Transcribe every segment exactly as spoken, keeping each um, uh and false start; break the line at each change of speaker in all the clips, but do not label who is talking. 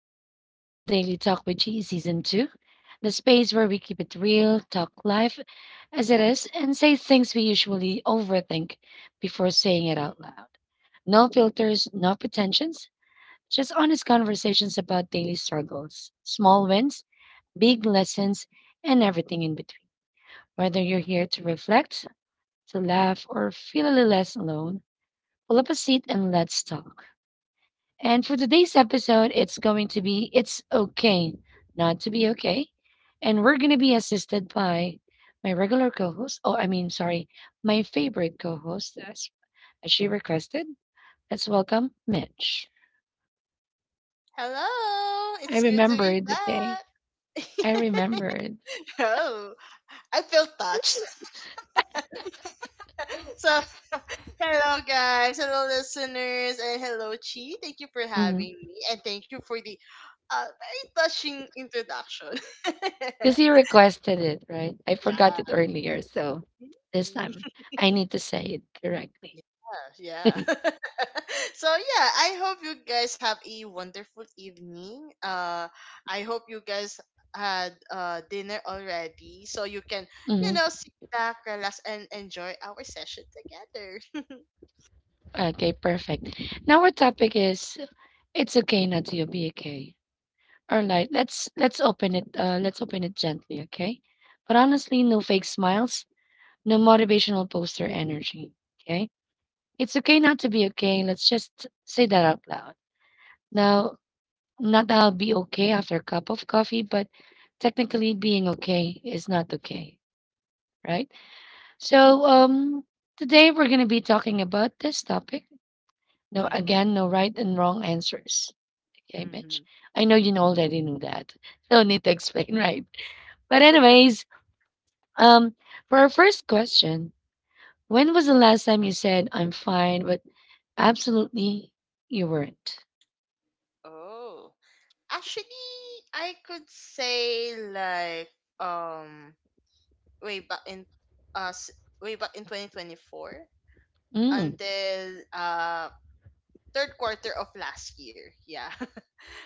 What's up? Welcome to Daily Talk with G Season two, the space where we keep it real, talk life as it is, and say things we usually overthink before saying it out loud. No filters, no pretensions, just honest conversations about daily struggles, small wins, big lessons, and everything in between. Whether you're here to reflect, to laugh, or feel a little less alone, pull up a seat and let's talk. And for today's episode, it's going to be It's Okay Not to Be Okay. And we're going to be assisted by my regular co host. Oh, I mean, sorry, my favorite co host, as, as she requested. Let's welcome Mitch.
Hello,
I
it's good to be
remembered, okay?
back.
I remembered.
oh, I feel touched. So, hello guys, hello listeners, and hello Chi. Thank you for
Because
having me, and thank you for the uh, very touching introduction.
he requested it, right? I forgot
yeah.
it earlier. So this
Mm.
time I need to say it correctly.
Yeah, yeah. So yeah, I hope you guys have a wonderful evening. Uh, I hope you guys had uh dinner already, so you can you
Mhm.
know sit back, relax, and enjoy our session together.
Okay, perfect. Now our topic is it's okay not to be okay. Alright, let's let's open it, uh, let's open it gently, okay? But honestly, no fake smiles, no motivational poster energy, okay? It's okay not to be okay. Let's just say that out loud. Now, not that I'll be okay after a cup of coffee, but technically being okay is not okay, right? So, um, today we're gonna be talking about this topic. No, again,
Mm-hmm.
no right and wrong answers. Okay, Mitch.
Mm-hmm.
I know you know already knew that. No need to explain, right? But anyways, Um, for our first question, when was the last time you said I'm fine, but absolutely you weren't?
oh, actually, I could say like um way back in uh s- way back in twenty twenty four
Mm,
until uh third quarter of last year. Yeah.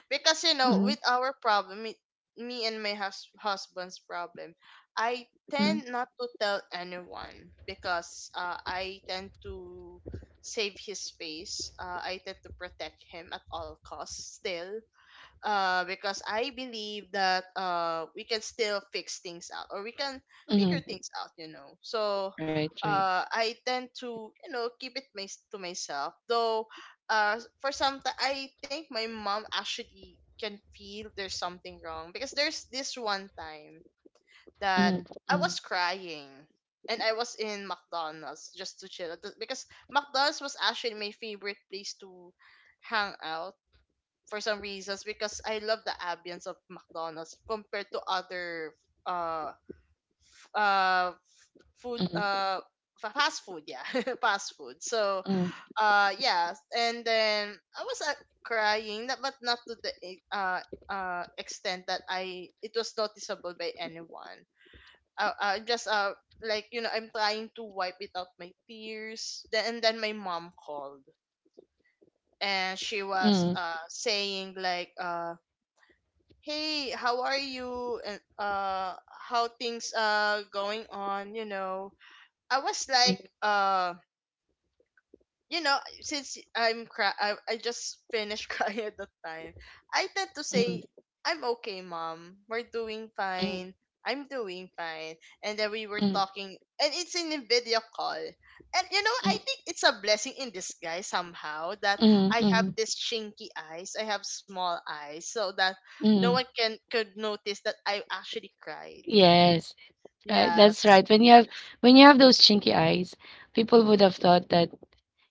because you know
mm,
with our problem me, me and my hus- husband's problem i
mm,
tend not to tell anyone because uh, i tend to save his face, uh, i tend to protect him at all costs. Still, uh, because I believe that uh, we can still fix things out or we can figure
mm.
things out, you know. So
Right, right.
uh, I tend to, you know, keep it my, to myself. Though, uh, for some time, I think my mom actually can feel there's something wrong, because there's this one time
Mm,
that
mm,
I was crying. And I was in McDonald's just to chill, because McDonald's was actually my favorite place to hang out for some reasons, because I love the ambience of McDonald's compared to other uh f- uh food
mm,
uh fa- fast food, yeah. fast food so
mm,
uh yeah. And then I was, uh, crying, not- but not to the e- uh uh extent that I it was noticeable by anyone, uh, uh just uh like, you know I'm trying to wipe it out my tears. Then and then my mom called, and she
mm,
was uh saying like, uh "Hey, how are you? And uh how things are going on, you know i was
mm,
like, um you know, since I'm cry, I, I just finished crying at the time, I tend to
mm,
say, "I'm okay, mom. We're doing
mm,
fine. I'm doing fine." And then we were
mm,
talking, and it's in a video call. And you know,
mm,
I think it's a blessing in disguise somehow that
mm,
I have
mm,
this chinky eyes. I have small eyes, so that no one
mm.
can could notice that I actually cried.
Yes, right. That's
Yes.
right. When you have when you have those chinky eyes, people would have thought that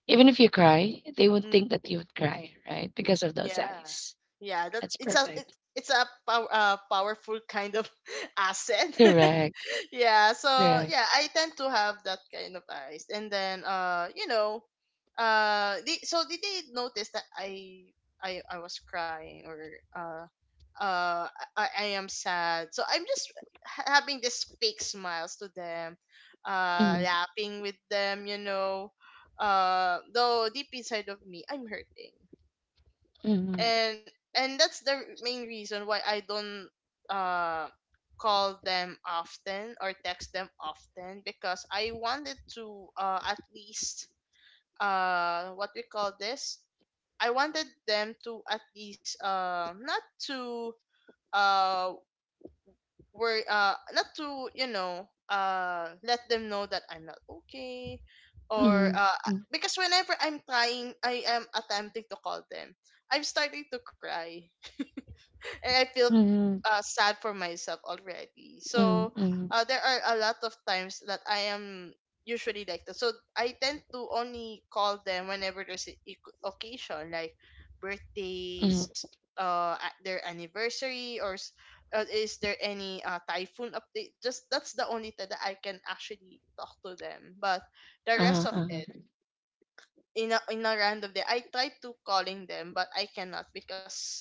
even if you cry, they would
Mm.
think that you would cry, right? Because of those
Yeah.
eyes.
Yeah, that
That's
it's a it,
perfect.
it's a pow- uh, powerful kind of asset.
Correct.
yeah, so
Correct.
yeah, I tend to have that kind of eyes. And then uh, you know, uh they, so did they notice that I I I was crying, or uh uh I, I am sad. So I'm just ha- having this fake smiles to them, uh
Mm-hmm.
laughing with them, you know. Uh though deep inside of me I'm hurting,
Mhm,
and and that's the main reason why I don't uh call them often or text them often, because I wanted to, uh at least, uh what we call this I wanted them to at least, uh not to, uh worry, uh not to, you know uh let them know that I'm not okay, or
mhm,
uh
mm,
because whenever I'm trying I am attempting to call them, I'm starting to cry and I feel,
mhm,
uh, sad for myself already. So,
mhm, mhm,
uh, there are a lot of times that I am usually like that. So I tend to only call them whenever there's an occasion, like
mhm.
birthdays, uh, a- their anniversary, or s- uh, is there any uh, typhoon update? Just that's the only time that I can actually talk to them. But the rest
Uh-huh,
of
uh-huh.
it, in a, in a random day, I try to calling them, but I cannot because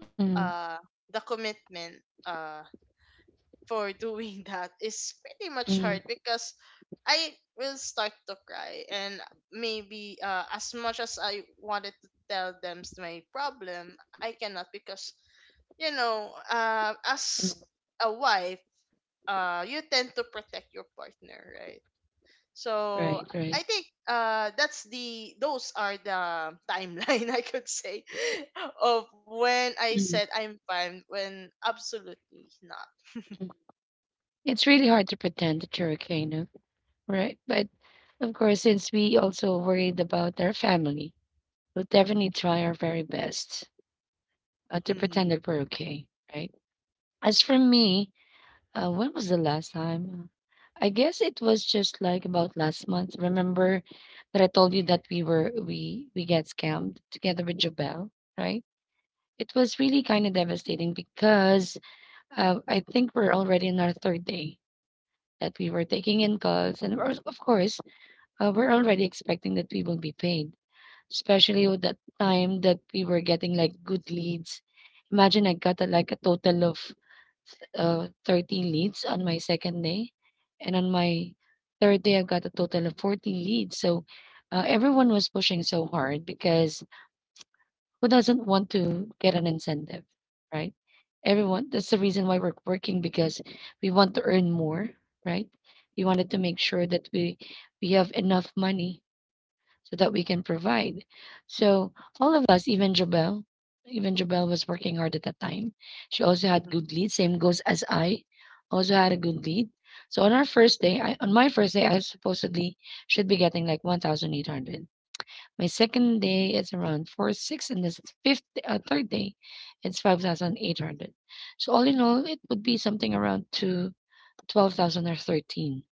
Mhm,
uh the commitment uh for doing that is pretty much
mhm,
hard, because I will start to cry, and maybe, uh, as much as I wanted to tell them my problem, I cannot because, you know uh, as
mhm.
a wife, uh, you tend to protect your partner, right? So
Right, right.
I think, uh, that's the those are the timeline I could say of when I said
Mhm,
I'm fine when absolutely not.
mhm. It's really hard to pretend that you're okay, no? Right. But of course, since we also worried about our family, we'll definitely try our very best uh, to
Mm-hmm.
pretend that we're okay, right? As for me, uh, when was the last time? I guess it was just like about last month. Remember that I told you that we were we we got scammed together with Jobel, right? It was really kind of devastating because uh, I think we're already on our third day that we were taking in calls. And we're- of course, uh, we're already expecting that we will be paid, especially with that time that we were getting like good leads. Imagine I got a, like a total of uh, thirteen leads on my second day. And on my third day, I've got a total of fourteen leads. So uh, everyone was pushing so hard because who doesn't want to get an incentive, right? Everyone, that's the reason why we're working because we want to earn more, right? We wanted to make sure that we we have enough money so that we can provide. So all of us, even Jabel, even Jabel was working hard at that time. She also had
Mm-hmm.
good lead. Same goes as I, also had a good lead. So on our first day, I, on my first day, I supposedly should be getting like one thousand eight hundred. My second day is around four six, and this fifth, uh, third day, it's five thousand eight hundred. So all in all, it would be something around to twelve thousand or thirteen thousand,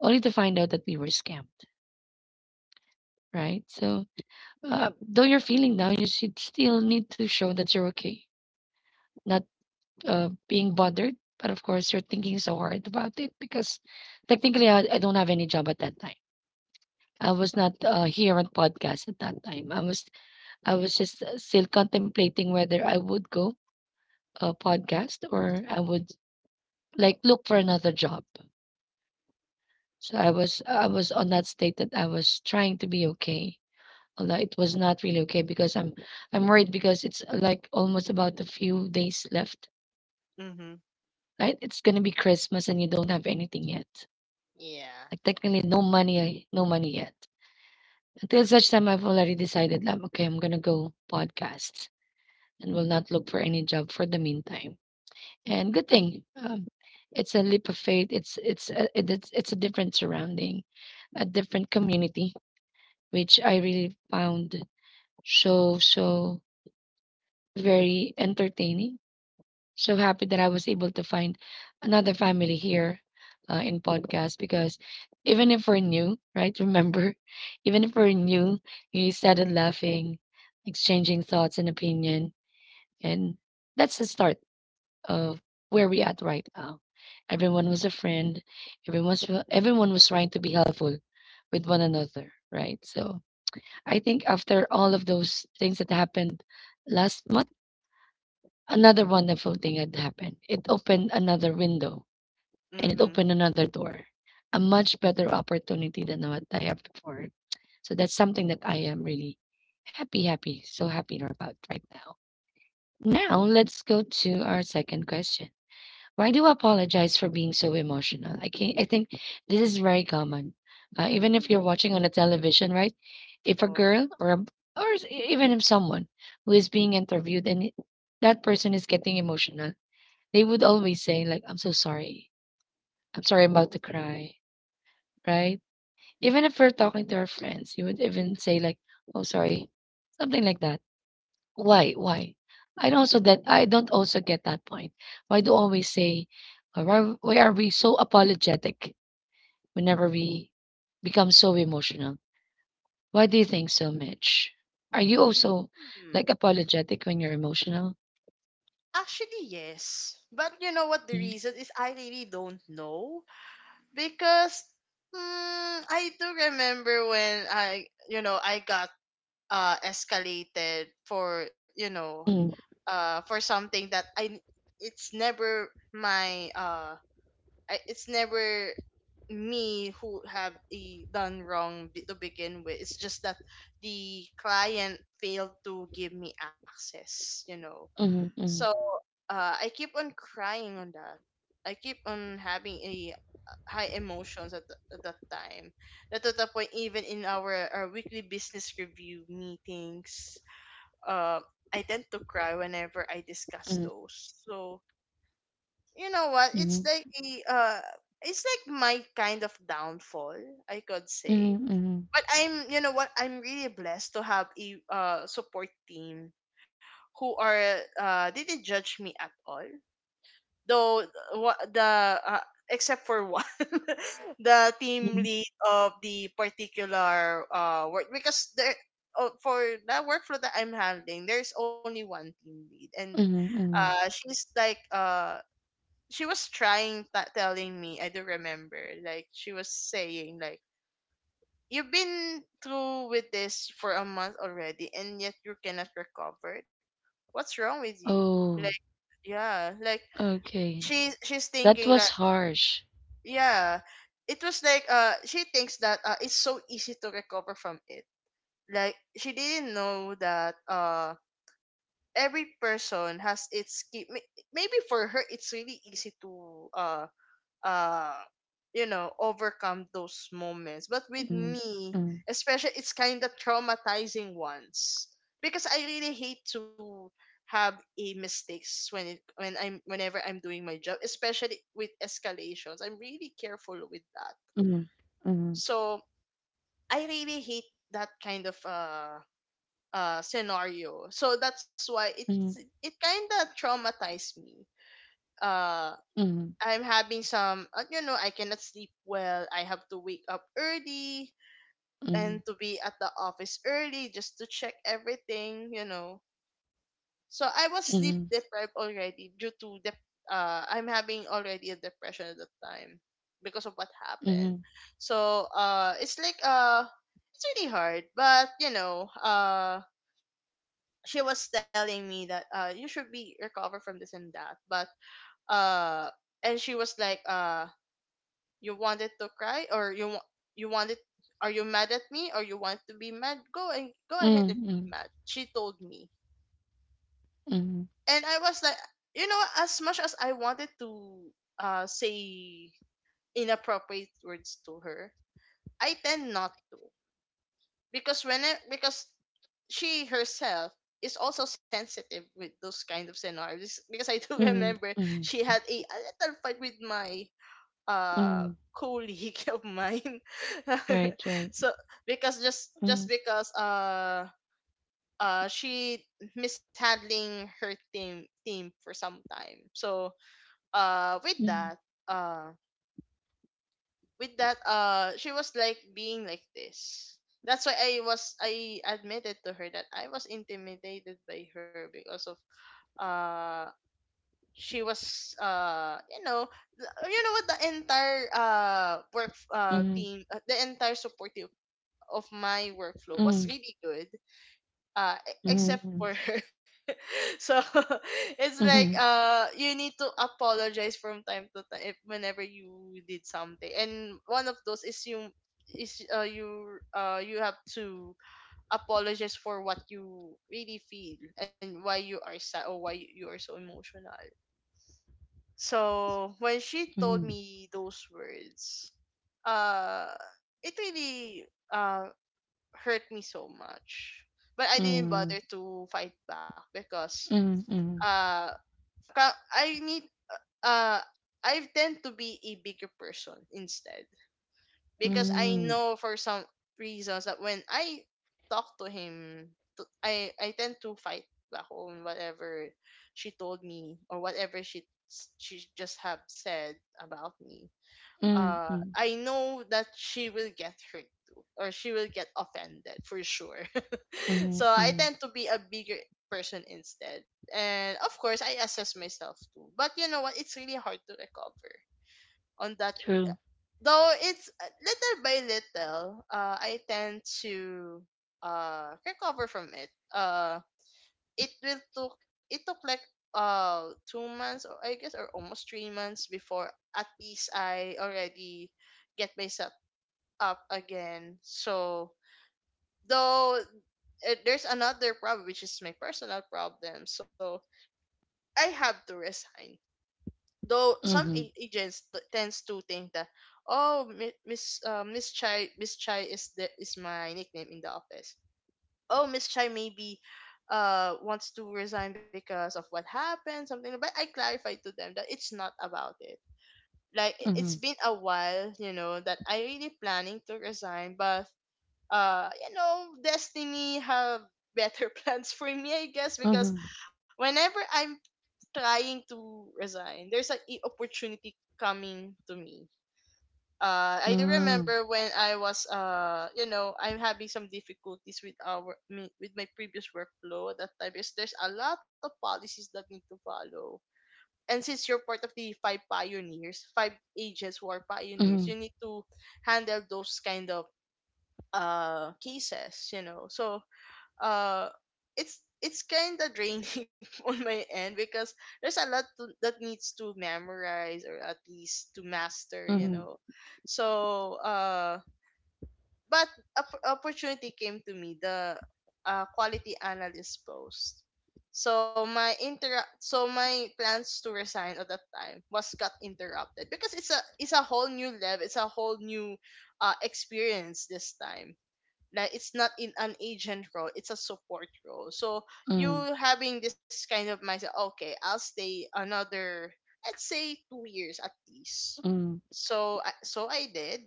only to find out that we were scammed, right? So uh, though you're feeling down, you should still need to show that you're okay, not uh, being bothered. But of course, you're thinking so hard about it because technically, I, I don't have any job at that time. I was not uh, here on podcast at that time. I was I was just uh, still contemplating whether I would go a podcast or I would like look for another job. So I was I was on that state that I was trying to be okay. Although it was not really okay because I'm I'm worried because it's uh, like almost about a few days left.
mm-hmm.
Right? It's gonna be Christmas and you don't have anything yet.
Yeah.
Like technically no money no money yet. Until such time I've already decided that okay, I'm gonna go podcasts and will not look for any job for the meantime. And good thing um, it's a leap of faith. It's it's a, it- it's it's a different surrounding, a different community, which I really found so so very entertaining. So happy that I was able to find another family here, uh, in podcast. Because even if we're new, right? Remember, even if we're new, we started laughing, exchanging thoughts and opinion, and that's the start of where we at right now. Everyone was a friend. Everyone's everyone was trying to be helpful with one another, right? So I think after all of those things that happened last month, another wonderful thing had happened. It opened another window and it
Mm-hmm.
opened another door, a much better opportunity than what I have before. So that's something that I am really happy, happy, so happy about right now. Now let's go to our second question. Why do you apologize for being so emotional? I can I think this is very common. Uh, even if
Mm.
you're watching on a television, right? If a
Oh.
girl or a, or s- e- Even if someone who is being interviewed and it- that person is getting emotional, they would always say like, "I'm so sorry. I'm sorry. I'm about to cry." Right? Even if we're talking to our friends, you would even say like, "Oh, sorry," something like that. Why? Why? I don't also that I don't also get that point. Why do always say uh, why, why are we so apologetic whenever we become so emotional? Why do you think so, Mitch? Are you also
Hmm.
like apologetic when you're emotional?
Actually, yes. But you know what the
Mm,
reason is? I really don't know, because mm, I do remember when I, you know, I got uh escalated for, you know,
mm,
uh for something that I it's never my uh I, it's never me who have a done wrong, be- to begin with. It's just that the client failed to give me access, you know.
mm,
So,
mm,
uh, I keep on crying on that. I keep on having a, uh, high emotions at, the, at that time, that to the point, even in our, our weekly business review meetings, uh, I tend to cry whenever I discuss
mm,
those. So you know what, it's
mm,
like a uh it's like my kind of downfall, i could
mm,
say.
mm,
But, I'm you know what I'm really blessed to have a uh support team who are uh didn't judge me at all, though uh, what the uh, except for one. The team
mm,
lead of the particular uh work, because there uh, for the workflow that i'm handling, there's only one team lead. And
mm, mm.
uh she's like uh she was trying t- telling me, i do remember, like she was saying like, "You've been through with this for a month already, and yet you cannot recover it. What's wrong with you?" Like,
Oh,
yeah, like
okay.
she she's
That
thinking
was
that.
harsh.
Yeah, it was like, uh she thinks that, uh, it's so easy to recover from it. Like, she didn't know that, uh every person has its key. May- maybe for her it's really easy to, uh uh you know overcome those moments, but with
Mm,
me,
mm,
especially, it's kind of traumatizing ones, because i really hate to have a mistakes when it when I'm whenever i'm doing my job, especially with escalations. I'm really careful with that.
mm, mm,
So i really hate that kind of, uh uh scenario, so that's why it's
mm,
it kind of traumatized me. Uh.
mm,
I'm having some, uh, you know, I cannot sleep well. I have to wake up early
mm,
and to be at the office early just to check everything, you know. So I was
mm,
sleep
mm,
deprived already, due to the, uh, I'm having already a depression at the time because of what happened.
mm,
So, uh, it's like, uh, it's really hard, but you know, uh, she was telling me that, uh, you should be recover from this and that, but, uh, and she was like, uh, you wanted to cry, or you wa- you wanted, are you mad at me, or you want to be mad? Go and go ahead
Mm,
and be
mm,
mad, she told me.
mm,
And I was like, you know, as much as I wanted to uh say inappropriate words to her, I tend not to. Because when I, because she herself is also sensitive with those kind of scenarios, because I do
mm,
remember
mm.
she had a, a little fight with my
mm.
uh colleague of mine.
Right, right.
So, because just
Mm,
just because uh uh she mishandling her team team for some time. So, uh with
mm,
that uh with that uh she was like being like this. That's why i was i admitted to her that i was intimidated by her, because of, uh she was uh you know th- you know what the entire uh work uh
mm,
team uh, the entire support team of my workflow was
mm,
really good, uh e- except
mm,
for her. So it's like,
mm,
uh you need to apologize from time to time. If, Whenever you did something, and one of those is you is uh you uh you have to apologize for what you really feel and why you are sad or why you are so emotional. So when she told
mhm,
me those words, uh, it really uh hurt me so much. But I didn't
mm,
bother to fight back, because
mm, mm,
uh ka- I need uh I tend to be a bigger person instead, because I
mm,
know for some reasons that when I talk to him, to- I I tend to fight back on whatever she told me, or whatever she she just have said about me.
mm, mm,
Uh,
mm,
I know that she will get hurt too, or she will get offended for sure.
mm,
So I
mm.
tend to be a bigger person instead, and of course I assess myself too. But you know what? It's really hard to recover on that.
True.
Though it's uh, little by little, uh I tend to uh recover from it. uh it will took It took like uh two months, or I guess, or almost three months before at least I already get myself up again. So though uh, there's another problem, which is my personal problem, so I have to resign, though some
Mhm,
a- agents t- tends to think that, oh, Mi- miss uh, miss chai miss chai is the — is my nickname in the office — oh, miss chai maybe uh wants to resign because of what happened, something like. But I clarified to them that it's not about it. Like i- it's
mhm,
been a while, you know, that I really planning to resign. But uh you know, destiny have better plans for me, I guess, because
mhm,
whenever I'm trying to resign, there's an e- opportunity coming to me. Uh, I do
mm,
remember when I was, uh, you know, I'm having some difficulties with our me- with my previous workflow at that time, because there's a lot of policies that need to follow. And since you're part of the five pioneers, five agents who are pioneers,
mhm,
you need to handle those kind of uh cases, you know. So uh it's it's kind of draining on my end because there's a lot to, that needs to memorize, or at least to master, you
mhm,
know. So uh but opp- opportunity came to me, the uh, quality analyst post. So my inter so my plans to resign at that time was got interrupted because it's a it's a whole new level, it's a whole new uh experience this time. Like it's not in an agent role, it's a support role. So you
mm,
having this kind of mindset, okay, I'll stay another, let's say, two years at least.
mm, mm,
So I- so I did.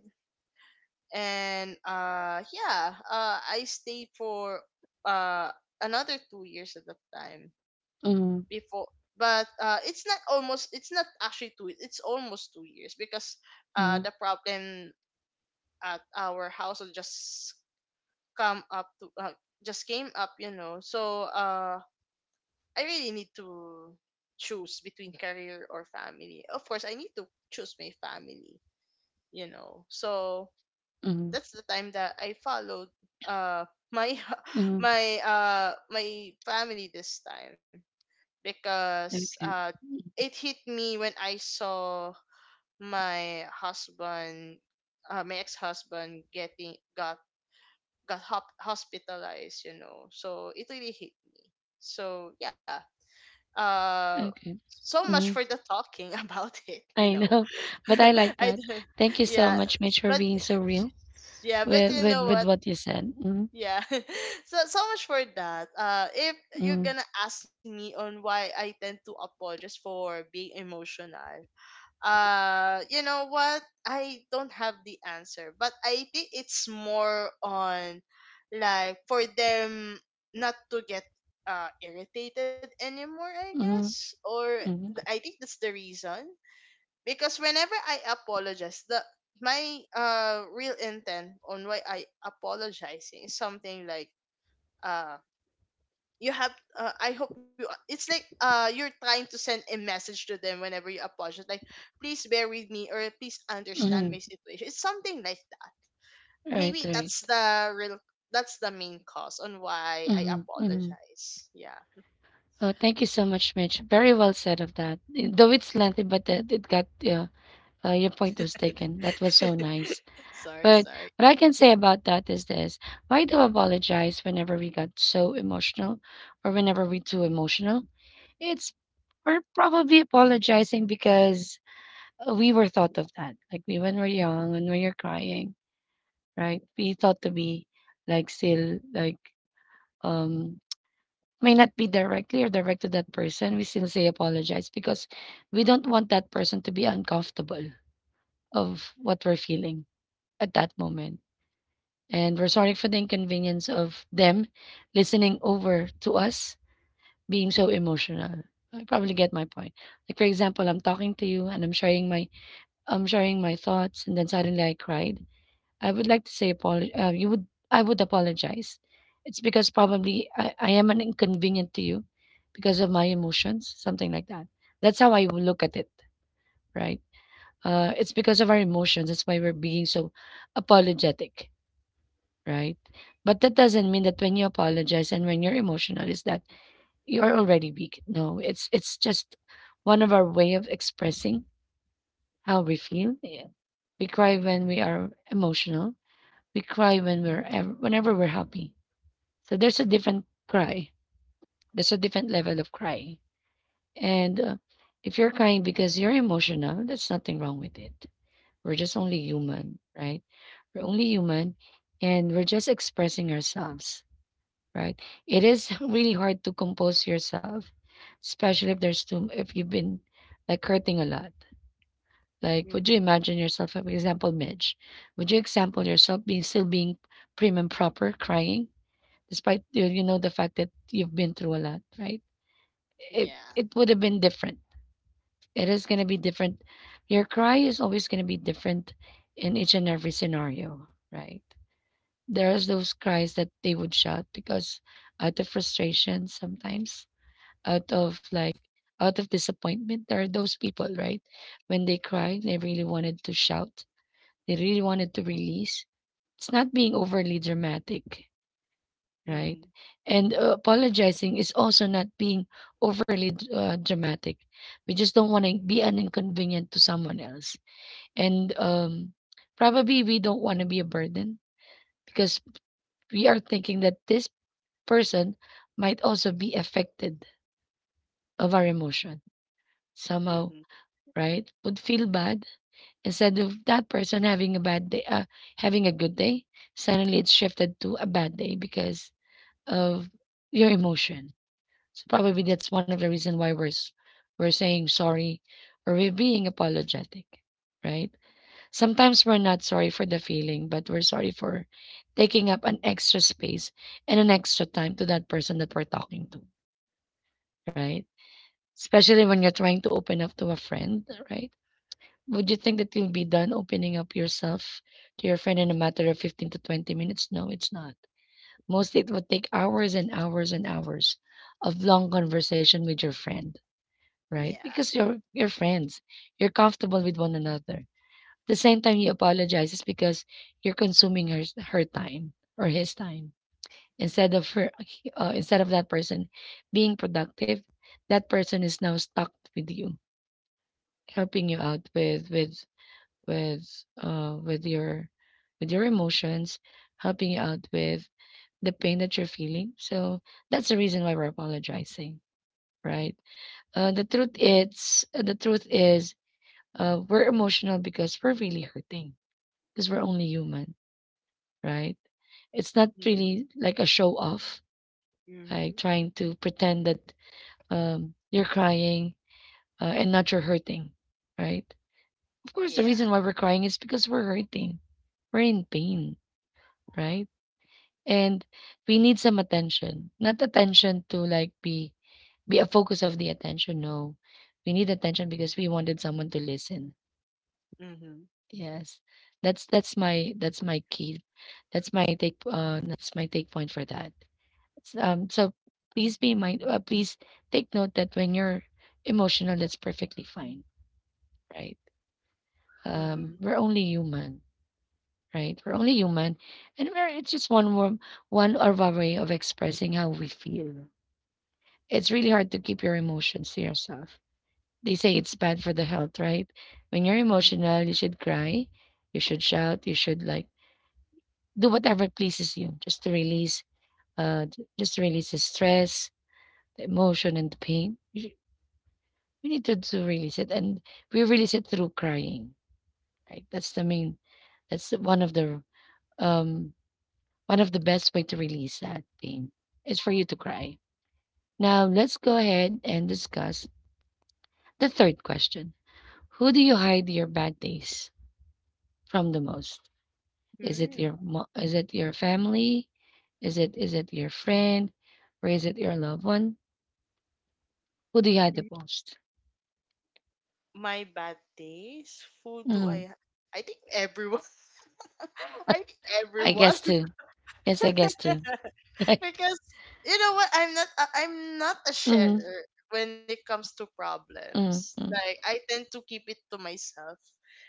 And uh yeah, uh I stayed for uh another two years at the time
mm,
before. But uh it's not almost — it's not actually two, it's almost two years, because uh the problem at our house was just come up to uh, just came up, you know. So uh I really need to choose between career or family. Of course, I need to choose my family, you know. So
mm,
that's the time that I followed uh my
Hmm.
my uh my family this time. Because uh
Okay.
it hit me when I saw my husband, uh, my ex-husband, getting got got hop- hospitalized, you know. So it really hit me. So yeah. Uh
Okay.
so much
Mhm.
for the talking about it, you
I
know.
know, but I like
I
that.
d-
Thank you so
yeah,
much, Mitch, for
but
being so real.
yeah, but
With
you
with
know
with
what?
what you said. mm
Yeah. So, so much for that. Uh if you're
Mhm,
going to ask me on why I tend to apologize for being emotional, uh you know what, I don't have the answer, but I think it's more on, like, for them not to get uh irritated anymore, I
mhm,
guess. Or th-
mhm,
I think that's the reason. Because whenever I apologize, the — my uh real intent on why I apologizing is something like, uh, you have uh, I hope you — it's like uh you're trying to send a message to them whenever you apologize, like, please bear with me, or please
mm
understand my
mhm.
situation, it's something like that.
Right,
Maybe
right.
that's the real — that's the main cause on why
mm
I
Mhm, mm mhm.
apologize, yeah.
Oh, thank you so much, Mitch. Very well said of that. Eh, though it's lengthy, but it, it got uh, uh, your point was taken. That was so nice.
Sorry,
But
sorry.
what I can say about that is this: Why do I apologize whenever we got so emotional, or whenever we too emotional? It's we're probably apologizing because uh, we were thought of that. Like we when we're young and when you're crying, right? We thought to be like still like um may not be directly or direct to that person. We still say apologize because we don't want that person to be uncomfortable of what we're feeling at that moment. And we're sorry for the inconvenience of them listening over to us being so emotional. I probably get my point. Like for example, I'm talking to you and I'm sharing my I'm sharing my thoughts and then suddenly I cried. I would like to say apol- uh, you would I would apologize. It's because probably I, I am an inconvenient to you because of my emotions, something like that. That's how I would look at it, right? Uh, it's because of our emotions. That's why we're being so apologetic, right? But that doesn't mean that when you apologize and when you're emotional is that you're already weak. No, it's it's just one of our way of expressing how we feel. Yeah. We cry when we are emotional, we cry when we're ever, whenever we're happy. So there's a different cry. There's a different level of crying. And uh, if you're crying because you're emotional, there's nothing wrong with it. We're just only human, right? We're only human and we're just expressing ourselves, right? It is really hard to compose yourself, especially if there's too if you've been like hurting a lot. Like, would
Hmm.
you imagine yourself, for example, Midge? Would you example yourself being still being prim and proper, crying? despite the- you know the fact that you've been through a lot, right? It
Yeah.
it would have been different. It is gonna be different. Your cry is always gonna be different in each and every scenario, right? There's those cries that they would shout because out of frustration sometimes, out of like out of disappointment, there are those people, right? When they cry, they really wanted to shout. They really wanted to release. It's not being overly dramatic, right?
Hmm.
And uh, Apologizing is also not being overly d- uh, dramatic. We just don't want to be an inconvenience to someone else. And um, probably we don't want to be a burden because we are thinking that this person might also be affected of our emotion somehow,
Hmm.
right? Would feel bad instead of that person having a bad day, uh, having a good day. Suddenly it's shifted to a bad day because of your emotion. So probably that's one of the reason why we're s- we're saying sorry or we're being apologetic, right? Sometimes we're not sorry for the feeling, but we're sorry for taking up an extra space and an extra time to that person that we're talking to, right? Especially when you're trying to open up to a friend, right? Would you think that you'll be done opening up yourself to your friend in a matter of fifteen to twenty minutes? No, it's not. Mostly it would take hours and hours and hours of long
Hmm.
conversation with your friend, right?
Yeah.
Because you're you're friends. You're comfortable with one another. At the same time, he apologizes because you're consuming her her time or his time instead of her uh, instead of that person being productive. That person is now stuck with you, helping you out with with with uh with your with your emotions, helping you out with the pain that you're feeling. So that's the reason why we're apologizing, right? Uh, the truth it's the truth is uh, we're emotional because we're really hurting because we're only human, right? It's not
Hmm.
really like a show off, like
Hmm.
trying to pretend that um, you're crying uh, and not you're hurting, right? Of course, the
Yeah.
reason why we're crying is because we're hurting, we're in pain, right? And we need some attention, not attention to like be be a focus of the attention. No, we need attention because we wanted someone to listen.
Hmm.
Yes. That's that's my that's my key. That's my take uh that's my take point for that. S- Um so please be mind uh, please take note that when you're emotional, that's perfectly fine, right? Um
Hmm.
we're only human, right? We're only human and we're it's just one more one of our way of expressing how we feel. It's really hard to keep your emotions to yourself. They say it's bad for the health, right? When you're emotional, you should cry, you should shout, you should like do whatever pleases you just to release uh j- just to release the stress, the emotion, and the pain. You, sh- need to, to release it, and we release it through crying, right. that's the main that's one of the um One of the best way to release that pain is for you to cry. Now let's go ahead and discuss the third question: who do you
Hmm.
hide your bad days from the most? Is it
Hmm.
your mo- is it your family? Is it is it your friend? Or is it your loved one? Who do you hide the most?
My bad days, who do
Mm,
I? Ha- I think everyone. I think
I
everyone.
guess too. Yes, I guess too. Right?
Because you know what, I'm not — I- I'm not a
Mhm,
sharer when it comes to problems.
mhm, mm,
Like, I tend to keep it to myself,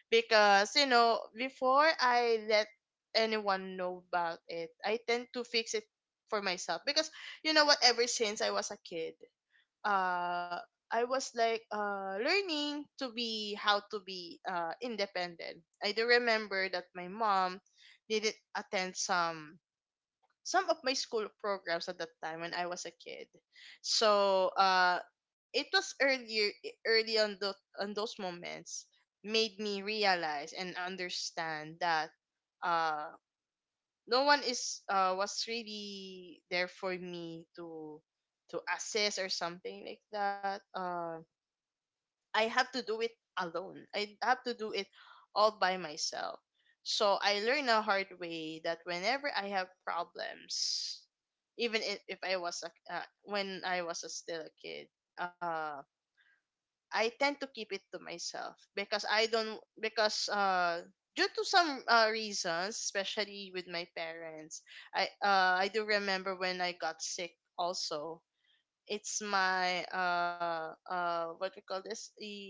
because you know, before I let anyone know about it, I tend to fix it for myself. Because you know what, ever since I was a kid, uh I was like uh learning to be how to be uh independent. I do remember that my mom didn't attend some — some of my school programs at that time when I was a kid. So uh it was earlier, early on the — on those moments made me realize and understand that uh no one is — uh was really there for me to — to assess or something like that. uh. I have to do it alone. I have to do it all by myself. So I learned a hard way that whenever I have problems, even if — if I was a, uh, when I was a still a kid, uh, I tend to keep it to myself. Because I don't — because uh due to some uh, reasons, especially with my parents, I uh I do remember when I got sick also. It's my uh uh what we call this, the —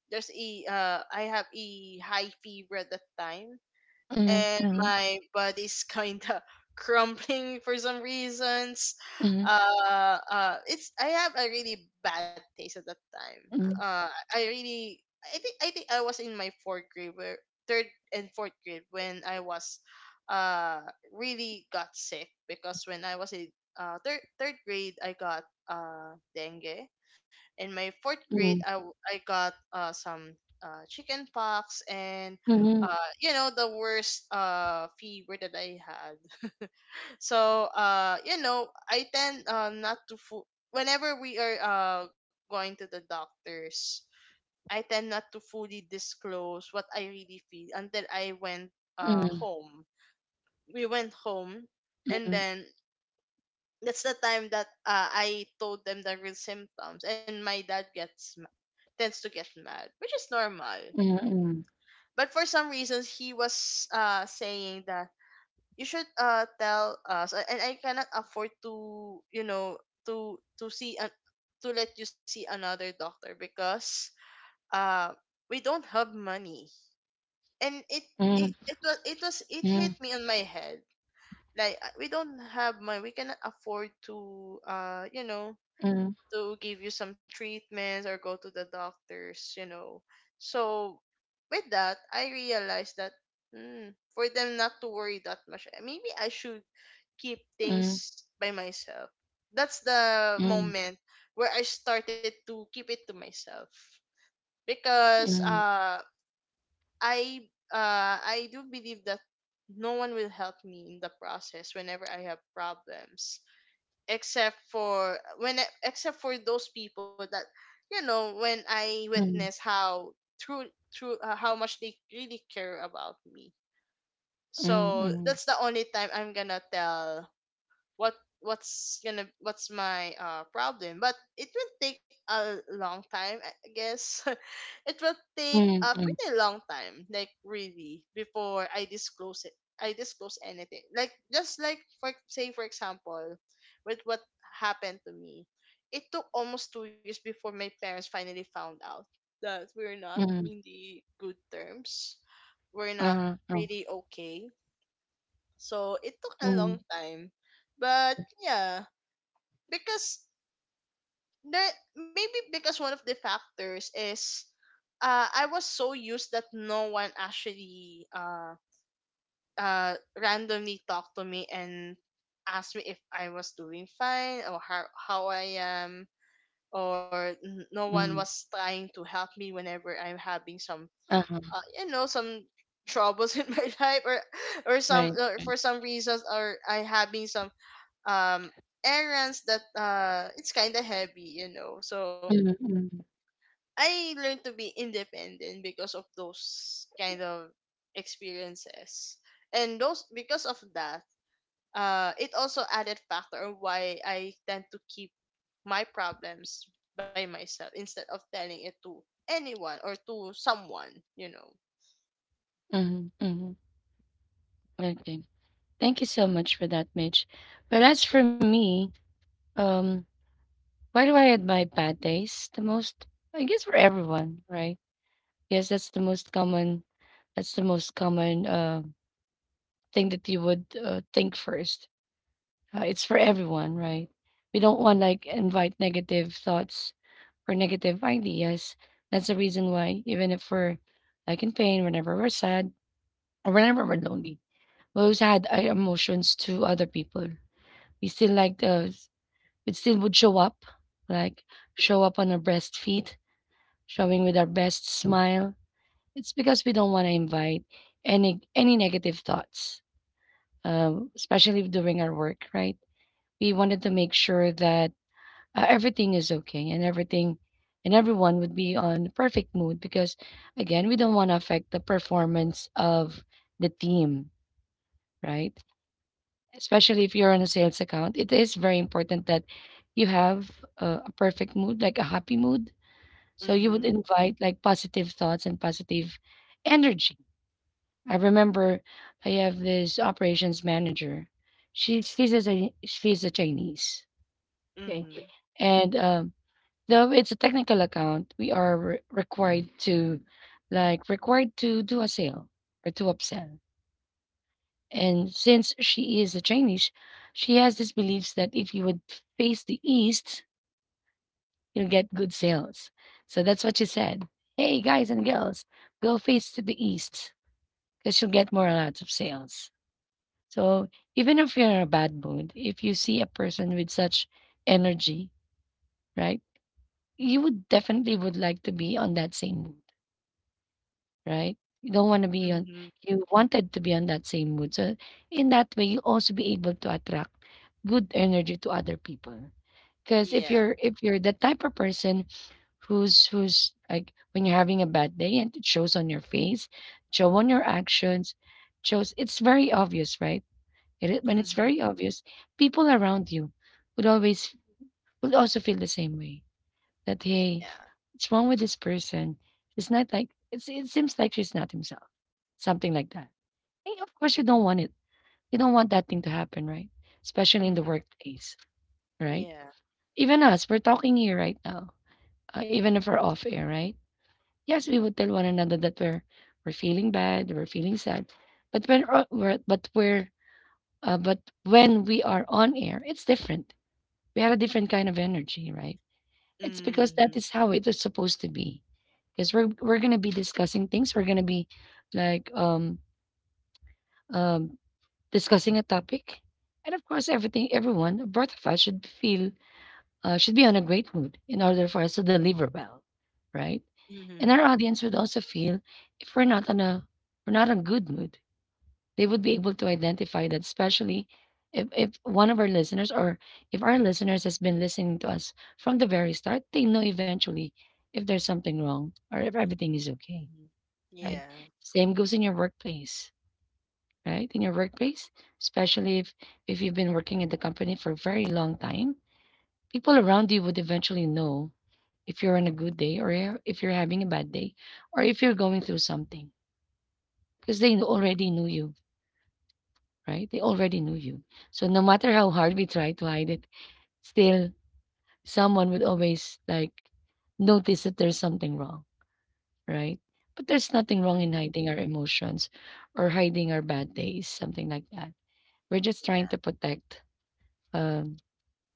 there's a uh I have a high fever at that time,
mhm,
and
mhm,
my body's kinda crumbling for some reasons.
mhm,
Uh uh it's — I have a really bad taste at that time.
mhm,
Uh I really — I think — I think I was in my fourth grade where — third and fourth grade when I was uh really got sick. Because when I was in uh third third grade, I got uh dengue. In my fourth grade, i,
mhm,
w- I got uh, some uh, chicken pox and
mhm,
uh, you know, the worst uh, fever that I had. So uh, you know, I tend, uh, not to fu- whenever we are uh, going to the doctors, I tend not to fully disclose what I really feel until I went uh,
mhm,
home. We went home, and
mhm,
then that's the time that uh, I told them the real symptoms, and my dad gets — tends to get mad, which is normal.
mhm, mhm, mhm, mhm, mhm, mhm, mhm,
But for some reasons, he was uh, saying that you should uh, tell us. A- and I cannot afford to, you know, to — to see an — to let you see another doctor, because uh, we don't have money. And it — it it was it was, it hit
mhm,
me on my head, like uh, we don't have money, we cannot afford to uh, you know, to give you some treatments or go to the doctors, you know. So with that, I realized that, mm, for them not to worry that much, eh, maybe I should keep things by myself. That's the moment where I started to keep it to myself. Because uh I uh I do believe that no one will help me in the process whenever I have problems, except for when I- except for those people that, you know, when I witness how true — true, uh, how much they really care about me. So
mhm,
that's the only time I'm gonna tell what — what's gonna — what's my uh problem. But it will take a long time, I I guess. It will take
mhm,
a
mhm,
pretty long time, like really, before I disclose it — I disclose anything. Like, just like, for say for example, with what happened to me, it took almost two years before my parents finally found out that we're not
mhm,
in the good terms, we're not
uh-huh, uh,
really okay. So it took a
mhm,
long time. But yeah, because there — maybe because one of the factors is, uh I was so used that no one actually uh uh randomly talked to me and asked me if I was doing fine, or how — how I am, or n- no one
mhm,
was trying to help me whenever I'm having some
uh-huh,
uh, you know, some troubles in my life, or — or some —
right.
or
Right.
for some reasons, or I having some um errands that uh it's kind of heavy, you know. So
Mhm, mhm,
I learned to be independent because of those kind of experiences. And those — because of that, uh it also added factor of why I tend to keep my problems by myself instead of telling it to anyone or to someone, you know.
mhm, mhm. Okay. Thank you so much for that, Mitch. But as for me, um, why do I admire bad days the most? I guess for everyone, right? Yes, that's the most common. That's the most common uh, thing that you would uh, think first. Uh, it's for everyone, right? We don't want like invite negative thoughts or negative ideas. That's the reason why, even if we're like in pain, whenever we're sad or whenever we're lonely, we always had our emotions to other people. We still like those. It still would show up, like show up on our breast feet, showing with our best smile. It's because we don't want to invite any any negative thoughts, um, especially during our work, right? We wanted to make sure that uh, everything is okay, and everything and everyone would be on perfect mood because, again, we don't want to affect the performance of the team, right? Especially if you're on a sales account, it is very important that you have a, a perfect mood, like a happy mood. So you
Mhm.
would invite like positive thoughts and positive energy. I remember I have this operations manager. She she's a Chi- she's a Chinese. Okay.
Mhm.
And um, though it's a technical account, we are re- required to like required to do a sale or to upsell. And since she is a Chinese, she has this beliefs that if you would face the east, you'll get good sales. So that's what she said. Hey, guys and girls, go face to the east because you'll get more lots of sales. So even if you're in a bad mood, if you see a person with such energy, right, you would definitely would like to be on that same mood, right? You don't want to be on,
Mhm.
you wanted to be on that same mood. So in that way, you also be able to attract good energy to other people. Because if
Yeah.
you're if you're the type of person Who's who's like, when you're having a bad day and it shows on your face, show on your actions, shows, it's very obvious, right? It is- when it's
Mhm.
very obvious, people around you would always would also feel the same way. That, hey,
Yeah.
what's wrong with this person? It's not like it's it seems like she's not himself. Something like that. And of course you
Mhm.
don't want it. You don't want that thing to happen, right? Especially in the
Mhm.
workplace, right?
Yeah.
Even us, we're talking here right now. Uh, even if we're off air, right? Yes, we would tell one another that we're we're feeling bad, we're feeling sad, but when uh, we're but we're uh, but when we are on air, it's different. We had a different kind of energy, right? It's because that
Mhm.
is how it is supposed to be. Because we're we're gonna be discussing things. We're gonna be like um um discussing a topic, and of course, everything everyone both of us should feel uh, should be on a great mood in order for us to deliver well, right? And our
Mhm.
audience would also feel if we're not on a we're not on good mood. They would be able to identify that, especially if, if one of our listeners or if our listeners has been listening to us from the very start. They know eventually if there's something wrong or if everything is okay.
Mhm.
Right.
Yeah.
Same goes in your workplace. Right? In your workplace, especially if if you've been working at the company for a very long time, people around you would eventually know if you're on a good day or if you're having a bad day or if you're going through something, because they already knew you, right? They already knew you. So no matter how hard we try to hide it, still someone would always like notice that there's something wrong, right? But there's nothing wrong in
Mhm.
hiding our emotions or hiding our bad days, something like that. We're just trying to
Yeah.
protect um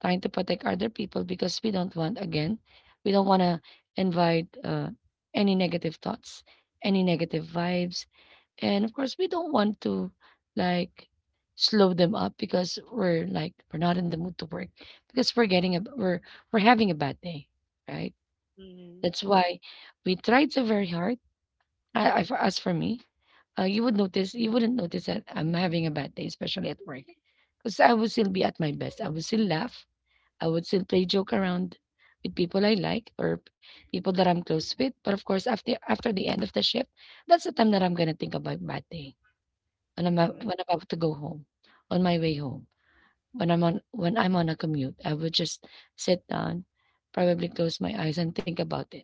trying to protect other people because, we don't want again we don't want to invite uh, any negative thoughts, any negative vibes, and of course we don't want to like slow them up because we're like we're not in the mood to work, because we're getting a we're we're having a bad day, right?
Mhm.
That's why we try so very hard. I, I for As for me, uh, you would notice you wouldn't notice that I'm having a bad day, especially at work, because I will still be at my best. I will still laugh. I would still play joke around with people I like, or p- people that I'm close with. But of course, after after the end of the shift, that's the time that I'm gonna think about my day, when I'm ab-
Mhm.
when I'm about to go home, on my way home, when I'm on when I'm on a commute. I would just sit down, probably close my eyes and think about it.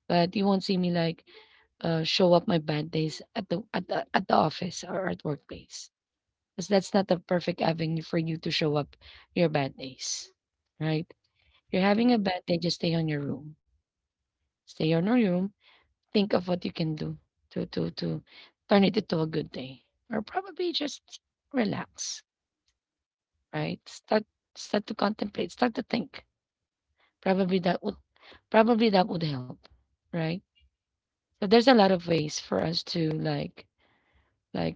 But you won't see me like uh, show up my bad days at the at the at the office or at workplace, because that's not the perfect avenue for you to show up your bad days, right? You're having a
Mhm.
bad day, just stay on your room. Stay on your room. Think of what you can do to to to turn it into a good day. Or probably just relax, right? Start start to contemplate, start to think. Probably that would Probably that would help, right? So there's a lot of ways for us to like like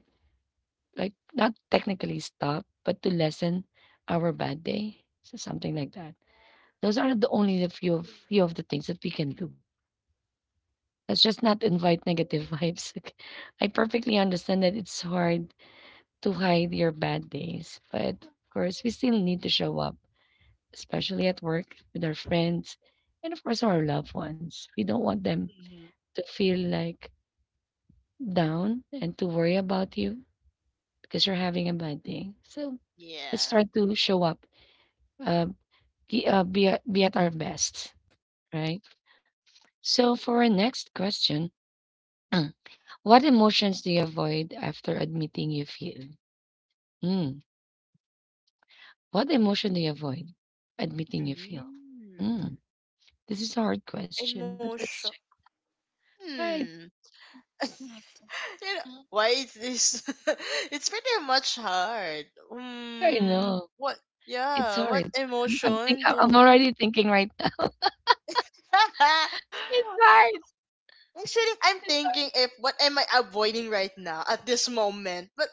like not technically stop, but to lessen our bad day. So something like that. Those are the only the few of few of the things that we can do. Let's just not invite negative vibes. Okay. I perfectly understand that it's hard to hide your bad days, but of course, we still need to show up, especially at work with our friends and, of course, our loved ones. We don't want them
Mhm.
to feel like down and to worry about you because you're having a bad day. So let's
Yeah.
try to show up, uh, be, uh, be, at- be at our best, right? So, for our next question, what emotions do you avoid after admitting you feel? Mm. What emotion do you avoid admitting you feel? Mm.
Mm.
This is a hard question, but
Emotion.
let's check. Right.
Hmm.
Mm,
You know,
mm.
why is this? It's pretty much hard.
I
Hmm.
know.
What?
It's
Yeah. What
hard. I'm, I'm, think,
emotion
I'm I'm
do?
already thinking right now. It's hard.
Actually, I'm
It's
thinking
hard.
if what am I avoiding right now at this moment, but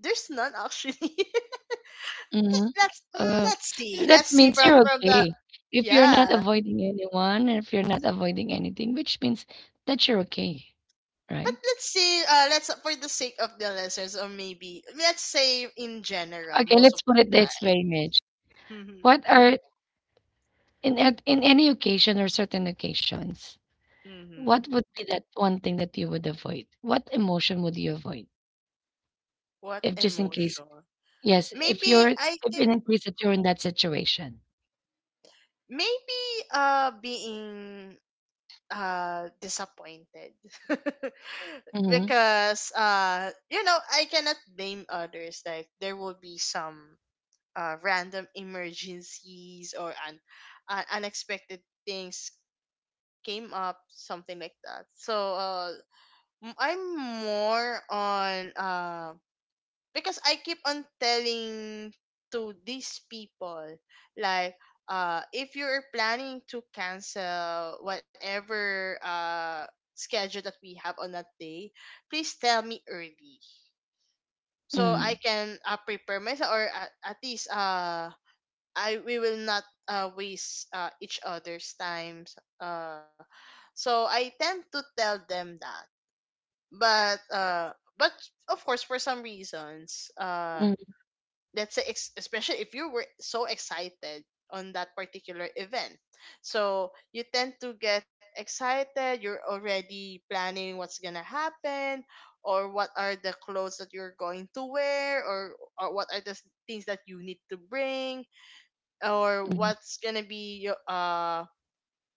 there's none actually.
hmm
Let's, mm,
Uh,
let's see,
that
let's see
means
from —
you're
from the,
okay. If you're not
yeah,
avoiding anyone, and if you're not avoiding anything, which means that you're okay,
but
right?
let's see, uh let's, for the sake of the listeners, or maybe let's say in general,
Okay,
most
let's
of
put
the
it this
time.
way, Mitch.
Hmm.
What are in at in any occasion or certain occasions,
Hmm.
what would be that one thing that you would avoid? What emotion would you avoid?
What
If just in case,
emotion?
yes, if
Maybe —
you're
I
if
think,
in case that you're in that situation.
maybe uh being uh disappointed.
Mm-hmm.
Because uh you know, I cannot blame others. Like, there will be some uh, random emergencies or un- uh, unexpected things came up, something like that. So uh, m- I'm more on uh, because I keep on telling to these people, like, uh, if you're planning to cancel whatever uh, schedule that we have on that day, please tell me early, so I
Mm,
can uh, prepare myself, or at, at least uh I — we will not uh, waste uh, each other's times. Uh, so I tend to tell them that. But uh, but of course, for some reasons, uh,
mm,
let's say, ex- especially if you were so excited on that particular event, so you tend to get excited. You're already planning what's gonna happen. Or what are the clothes that you're going to wear, or, or what are the s- things that you need to bring, or
mm,
what's gonna be your uh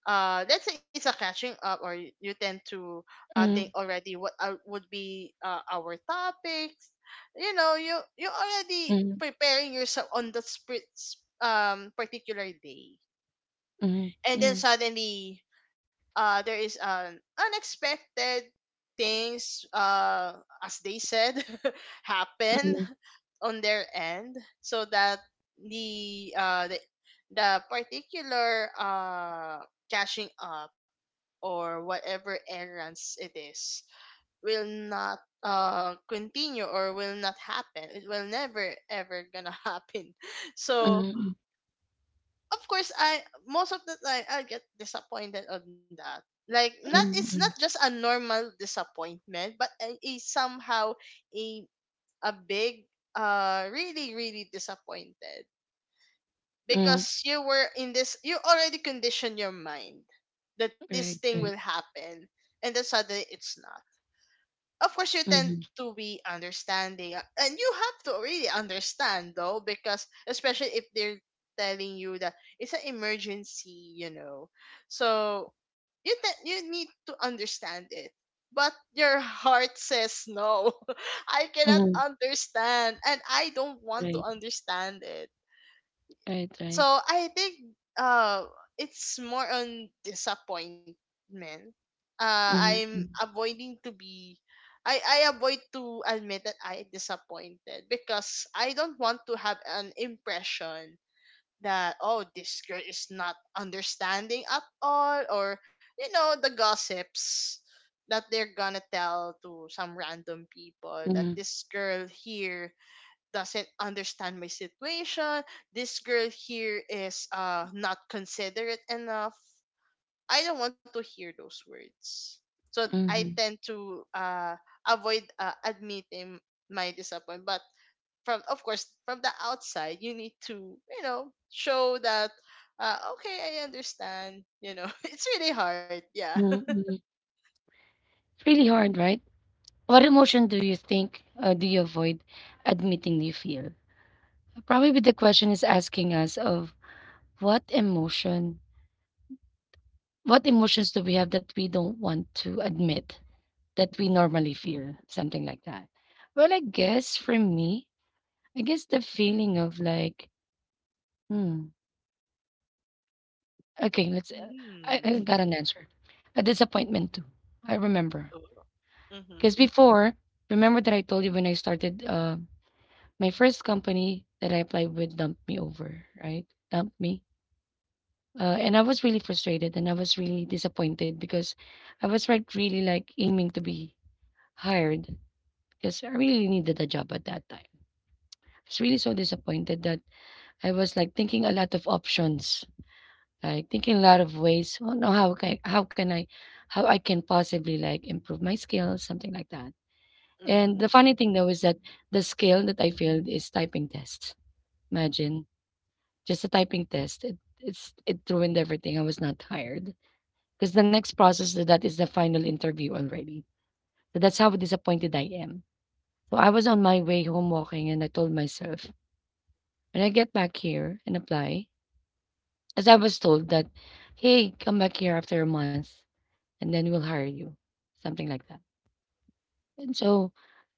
uh let's say it's a catching up or you, you tend to uh think
mm,
already what are, would be uh, our topics. You know you you
mm,
already
mm,
preparing yourself on the sp- um particular day,
mm,
and then
mm,
suddenly uh, there is an unexpected things, uh, as they said, happen on their end, so that the uh the, the particular uh catching up or whatever errands it is will not uh continue or will not happen. It will never ever gonna happen. So
mm,
of course I most of the time I get disappointed on that. Like not it's
mm,
not
mm,
just a normal disappointment, but a, a somehow a a big, uh really really disappointed,
mm.
because you were in this you already conditioned your mind that this
Right,
thing will
right.
happen, and then suddenly it's not. Of course you tend
Mhm,
to be understanding, uh, and you have to really understand, though, because especially if they're telling you that it's an emergency, you know. So you te- you need to understand it, but your heart says no. I cannot
mhm,
understand and I don't want to
Right,
understand it.
right,
So
right.
I think uh it's more on disappointment. Uh
Mhm,
I'm
mhm,
avoiding to be, I, I avoid to admit that I disappointed, because I don't want to have an impression that, oh, this girl is not understanding at all, or, you know, the gossips that they're gonna tell to some random people, that
mhm,
this girl here doesn't understand my situation. This girl here is uh not considerate enough. I don't want to hear those words. So I
mhm,
tend to uh avoid uh, admitting my disappointment. But from, of course, from the outside, you need to, you know, show that, uh okay, I understand. You know, it's really hard. Yeah.
mhm, mhm. It's really hard, right? What emotion do you think uh, do you avoid admitting you feel? Probably the question is asking us of, what emotion? What emotions do we have that we don't want to admit that we normally feel? Something like that. Well, I guess for me, I guess the feeling of like, hmm, okay, let's. I,
Mm.
I got an answer. A disappointment too. I remember
Oh. Mhm.
because before, remember that I told you when I started uh, my first company that I applied with dumped me over, right? Dumped me, uh, and I was really frustrated and I was really disappointed because I was like really like aiming to be hired because I really needed a job at that time. I was really so disappointed that I was like thinking a lot of options, like thinking a lot of ways. Oh no, how can how can I, how I can possibly like improve my skills, something like that. And the
Mhm.
funny thing though is that the skill that I failed is typing test. Imagine just a typing test. It, it's it ruined everything. I was not hired because the next process to that is the final interview already. So that's how disappointed I am. So I was on my way home walking and I told myself, when I get back here and apply, as I was told that, hey, come back here after a month and then we'll hire you, something like that. And so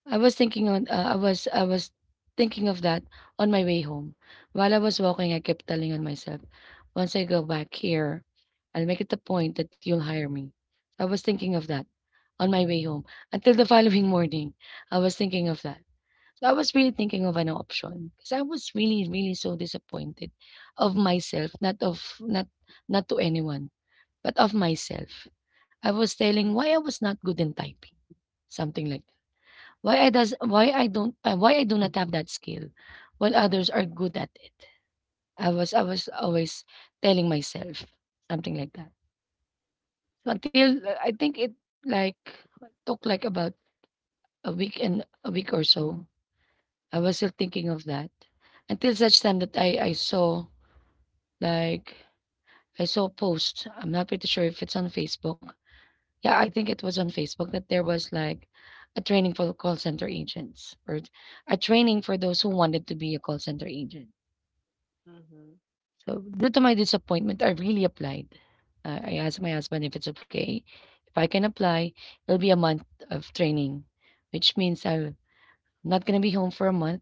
I was thinking on, uh, I was, I was thinking of that on my way home. While I was walking, I kept telling on myself, once I go back here, I'll make it a point that you'll hire me. I was thinking of that on my way home until the following morning. I was thinking of that. So I was really thinking of an option because I was really, really so disappointed of myself, not of not not to anyone, but of myself. I was
Mhm.
telling why I was not good in typing, something like that. Why I does why I don't uh, why I do not have that skill, while others are good at it. I was I was always telling myself something like that. So until uh, I think it like took like about a week and a week or so I was still thinking of that until such time that I I saw like I saw a post. I'm not pretty sure if it's on Facebook. Yeah, I think it was on Facebook that there was like a training for call center agents or a training for those who wanted to be a call center agent.
Mhm.
So due to my disappointment, I really applied. Uh, I asked my husband if it's okay. If I can apply, it'll be a month of training, which means I'll- I'm not gonna be home for a month.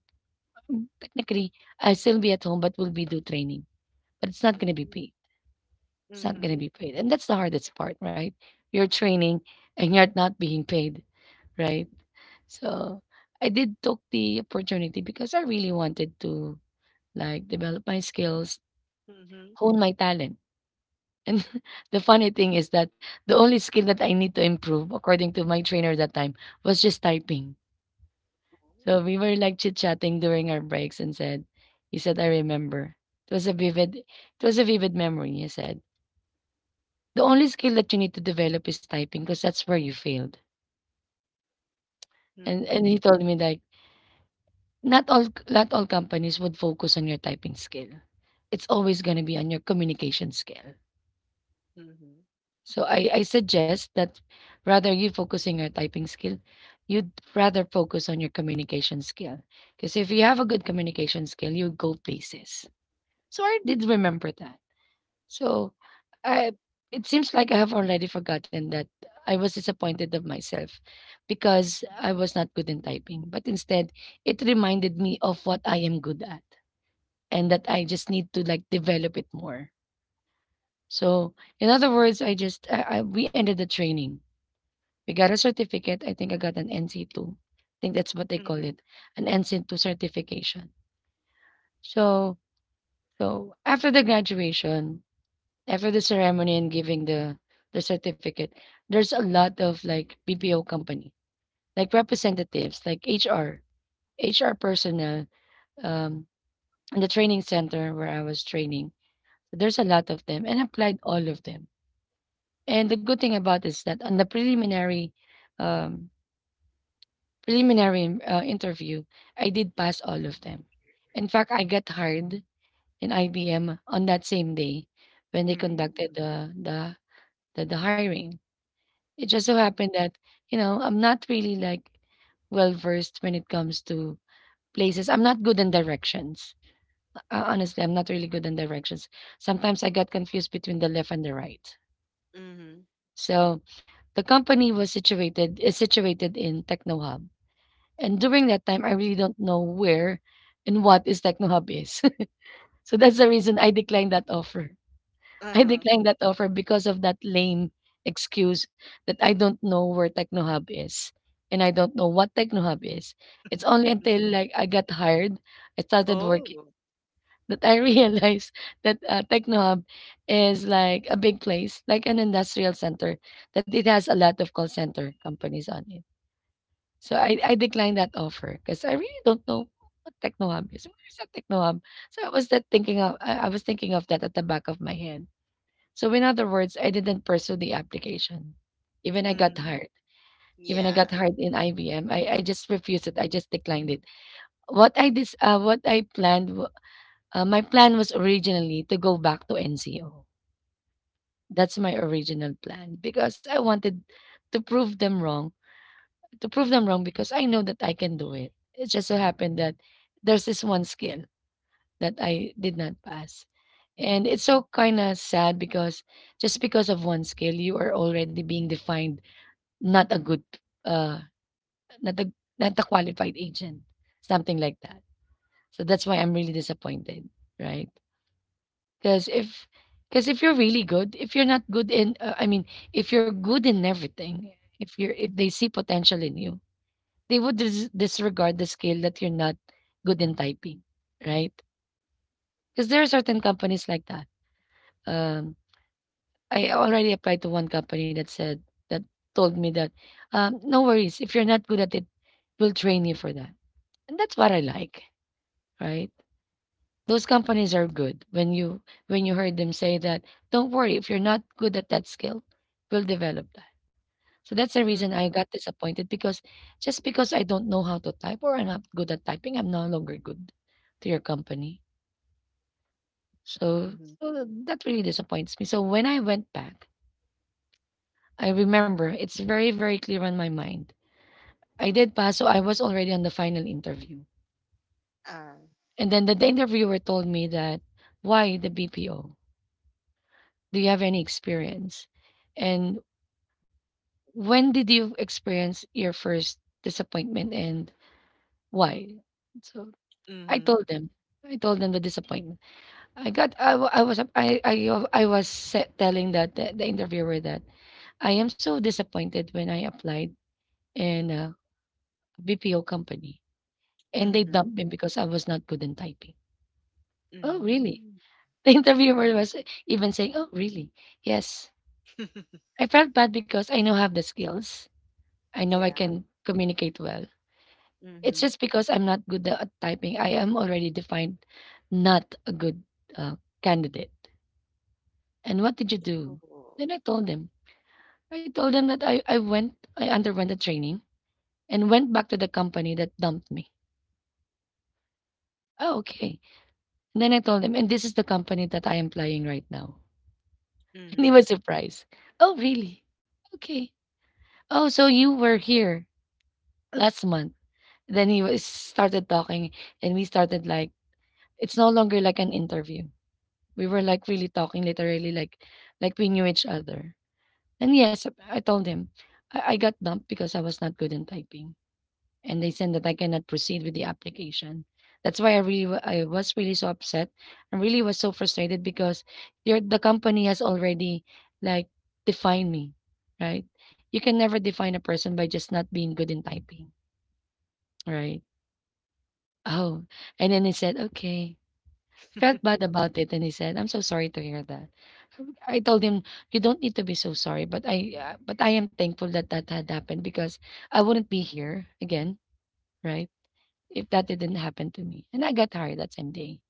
Um, Technically, I'll still be at home, but will be do training, but it's not going to be
Ooh.
paid. It's not going to
Mhm.
be paid. And that's the hardest part, right? You're training and you're not being paid, right? So I did took the opportunity because I really wanted to like develop my skills,
Mhm.
hone my talent. And the funny thing is that the only skill that I need to improve, according to my trainer that time, was just typing. So we
Ooh.
were like chit chatting during our breaks and said, he said, I remember. It was a vivid, it was a vivid memory, he said. "The only skill that you need to develop is typing, because that's where you failed." And
Mhm,
and he told me like, "Not all not all companies would focus on your typing skill. It's always gonna be on your communication skill.
mhm,
So I I suggest that rather you focusing your typing skill, you'd rather focus on your communication skill. Because if you have a good communication skill, you go places." So I did remember that. So, I, it seems like I have already forgotten that I was disappointed of myself because I was not good in typing. But instead, it reminded me of what I am good at and that I just need to like develop it more. So, in other words, I just I, I, we ended the training. We got a certificate. I think I got an N C two. I think that's what they call
mhm.
it, an N C two certification. So, so after the graduation, after the ceremony and giving the the certificate, there's a lot of like B P O company, like representatives, like H R, H R personnel, um, in the training center where I was training. There's a lot of them, and I applied all of them. And the good thing about is that on the preliminary, um, preliminary uh, interview, I did pass all of them. In fact, I got hired in I B M on that same day when they
Hmm.
conducted the the the, the hiring. It just so
Mhm,
happened that, you know, I'm not really like well versed when it comes to places. I'm not good in directions. Uh, honestly, I'm not really good in directions. Sometimes I got confused between the left and the right.
mhm,
So the company was situated is situated in Techno Hub. And during that time I really don't know where and what is Techno Hub is. So that's the reason I declined that
mhm.
offer. I
Uh-huh.
declined that offer because of that lame excuse that I don't know where TechnoHub is and I don't know what TechnoHub is. It's only until like I got hired, I started working
Oh.
that I realized that uh, TechnoHub is like a big place, like an industrial center, that it has a lot of call center companies on it. So I, I declined that offer because I really don't know what TechnoHub is. Where is that TechnoHub? So I was that thinking of I, I was thinking of that at the back of my head, so in other words, I didn't pursue the application. Even I got hired.
Mhm.
Even I got
Yeah.
hired in I B M, I, I just refused it. I just declined it. What I dis, uh, what I planned, wa- uh, my plan was originally to go back to N C O. That's my original plan because I wanted to prove them wrong. To prove them wrong because I know that I can do it. It just so happened that there's this one skill that I did not pass, and it's so kind of sad because just because of one skill, you are already being defined. Not a good, uh, Not a not a qualified agent, something like that. So that's why I'm really disappointed, right? Because if because if you're really good, if you're not good in, uh, I mean, if you're good in everything, if you're if they see potential in you, they would dis- disregard the skill that you're not good in typing, right? Because there are certain companies like that. Um, I already applied to one company that said that told me that, um, no worries, if you're not good at it, we'll train you for that. And that's what I like, right? Those companies are good. When you, when you heard them say that, don't worry if you're not good at that skill, we'll develop that. So that's the reason I
Mhm,
got disappointed because just because I don't know how to type or I'm not good at typing, I'm no longer good to your company. So,
mhm.
so that really disappoints me. So when I went back, I remember it's very very clear on my mind. I did pass, so I was already on the final interview.
Uh,
And then the, the interviewer told me that, why the B P O? Do you have any experience? And when did you experience your first disappointment and why? So I
mhm,
told them. I told them the disappointment. I got I, wa- I was I I, I was sa- telling that the, the interviewer that I am so disappointed when I applied in a B P O company and they
mhm.
dumped me because I was not good in typing. Oh, really?
Hmm.
The interviewer was even saying, "Oh, really?" Yes. I felt bad because I know I have the skills. I know I
Yeah.
can communicate well. It's
Mhm.
just because I'm not good at typing. I am already defined not a good uh, candidate. And what did you do?
Oh.
Then I told them. I told them that I, I went, I underwent a training and went back to the company that dumped me. Oh, okay. And then I told them, and this is the company that I am playing right now. And he was
Mhm,
surprised. Oh, really? Okay. Oh, so you were here last month. Then he was started talking and we started like, it's no longer like an interview. We were like really talking literally like like we knew each other. And yes, I told him I, I got dumped because I was not good in typing. And they said that I cannot proceed with the application. That's why I really wa- I was really so upset. I really was so frustrated because your the company has already, like, defined me, right? You can never define a person by just not being good in typing, right? Oh, and then he said, okay. Felt bad about it and he said, "I'm so sorry to hear that." I told him, "You don't need to be so sorry, but I uh, but I am thankful that that had happened because I wouldn't be here again, right? If that didn't happen to me." And I got hired that same day.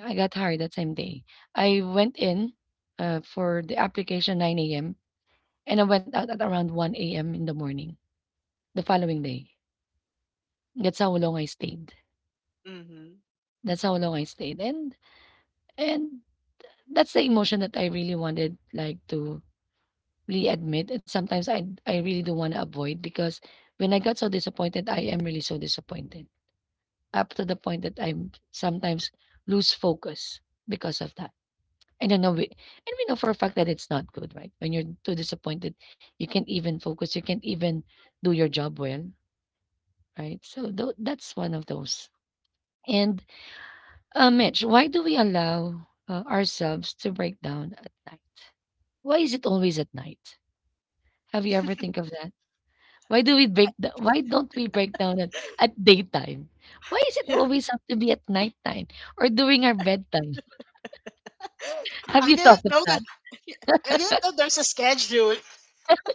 I got hired that same day. I went in uh, for the application nine a m and I went out at around one a m in the morning the following day. That's how long I stayed.
mhm.
That's how long I stayed. And and that's the emotion that I really wanted, like, to really admit, and sometimes I I really do want to avoid, because when I got so disappointed, I am really so disappointed up to the point that I'm sometimes lose focus because of that. I don't know, we, and we know for a fact that it's not good, right? When you're too disappointed, you can't even focus, you can't even do your job well, right? So tho- that's one of those. And uh, Mitch, why do we allow uh, ourselves to break down at night? Why is it always at night? Have you ever think of that? Why do we break the why don't we break down at, at daytime? Why is it
Yeah.
always have to be at nighttime or during our bedtime? Have
I
you thought
didn't
of
know that.
that?
I didn't know there's a schedule.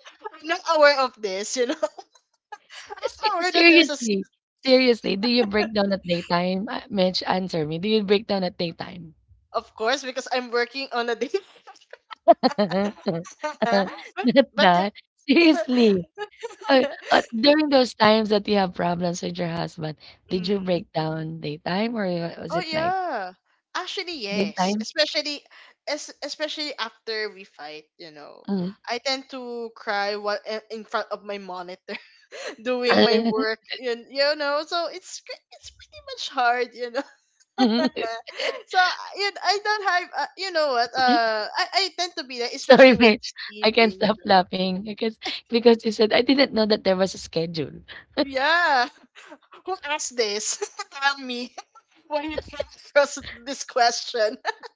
I'm not aware of this, you know. I'm
Se-
not aware that there's a, s-
Seriously, seriously, do you break down at daytime? Uh, Mitch, answer me. Do you break down at daytime?
of course, because I'm working on a day. But
Not
but the-
that. Seriously. Uh, uh, During those times that you have problems with your husband, did you
Mm.
break down daytime or uh, was
Oh
it night?
yeah. Actually, yes.
Daytime?
Especially, es especially after we fight, you know. I tend to cry while i- in front of my monitor, doing my
Mm.
work, and, you know, so it's cr- it's pretty much hard, you know. So you, I don't have, uh, you know what, uh I I tend to be that especially
Sorry,
when
Mitch. I can't
sleeping, you
stop
know.
laughing because because you said I didn't know that there was a schedule.
Yeah. Who asked this? Tell me when you came across this question.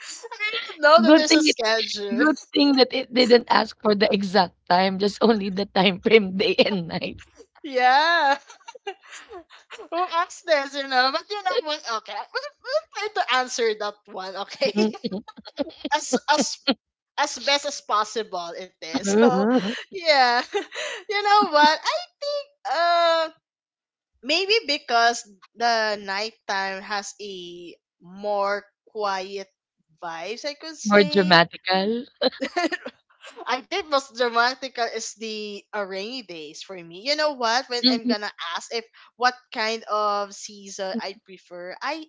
I didn't know that
Good
there's a
thing it,
schedule.
good thing that it didn't ask for the exact time, just only the time frame, day and night.
Yeah. Who asked this, you know? But you know what? Okay, I- we'll, we'll try to answer that one, okay? As, as as best as possible it is. So yeah. You know what? I think uh maybe because the nighttime has a more quiet vibes I could
More
say.
dramatical.
I think most dramatical is the, uh, rainy days for me. You know what? When I'm
Mhm.
gonna ask if what kind of season I prefer, I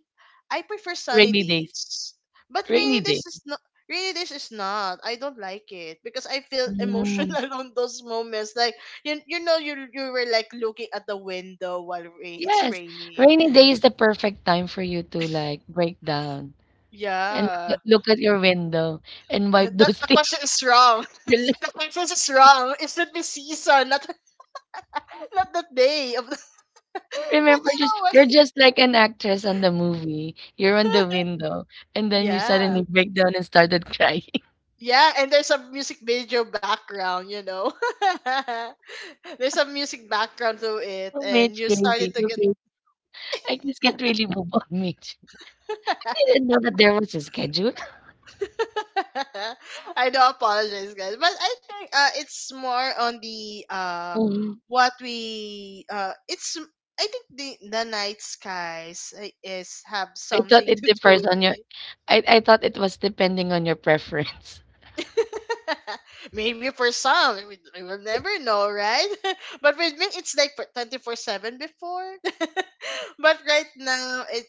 I prefer sunny
Rainy days.
days. But
Rainy
rainy
days.
days is not. Rainy days is not. I don't like it because I feel
Mm.
emotional on those moments. Like you, you know, you you were like looking at the window while rain, it's
Yes,
raining.
rainy day is the perfect time for you to, like, break down and look
Yeah.
at, look at your window and wipe
The,
those
the
tears.
question is wrong. The question is wrong. It should be season, not, not the day of the. But
Remember,
you
just
know what?
you're just like an actress on the movie. You're on the window, and then you
Yeah.
suddenly break down and started crying.
Yeah, and there's a music video background, you know. There's a music background to it
Oh,
and
Mitch,
you started
crazy.
to
You
get
crazy. I just can't really move on, Mitch. I didn't know that there was a schedule.
I do apologize guys, but I think uh it's more on the, uh
Mhm.
what we uh it's, I think the, the night skies, uh, is have
I thought
something
it
to do
differs
with
on your,
it.
I I thought it was depending on your preference.
Maybe for some, we, we will never know, right? But with me, it's like twenty four seven before. But right now, it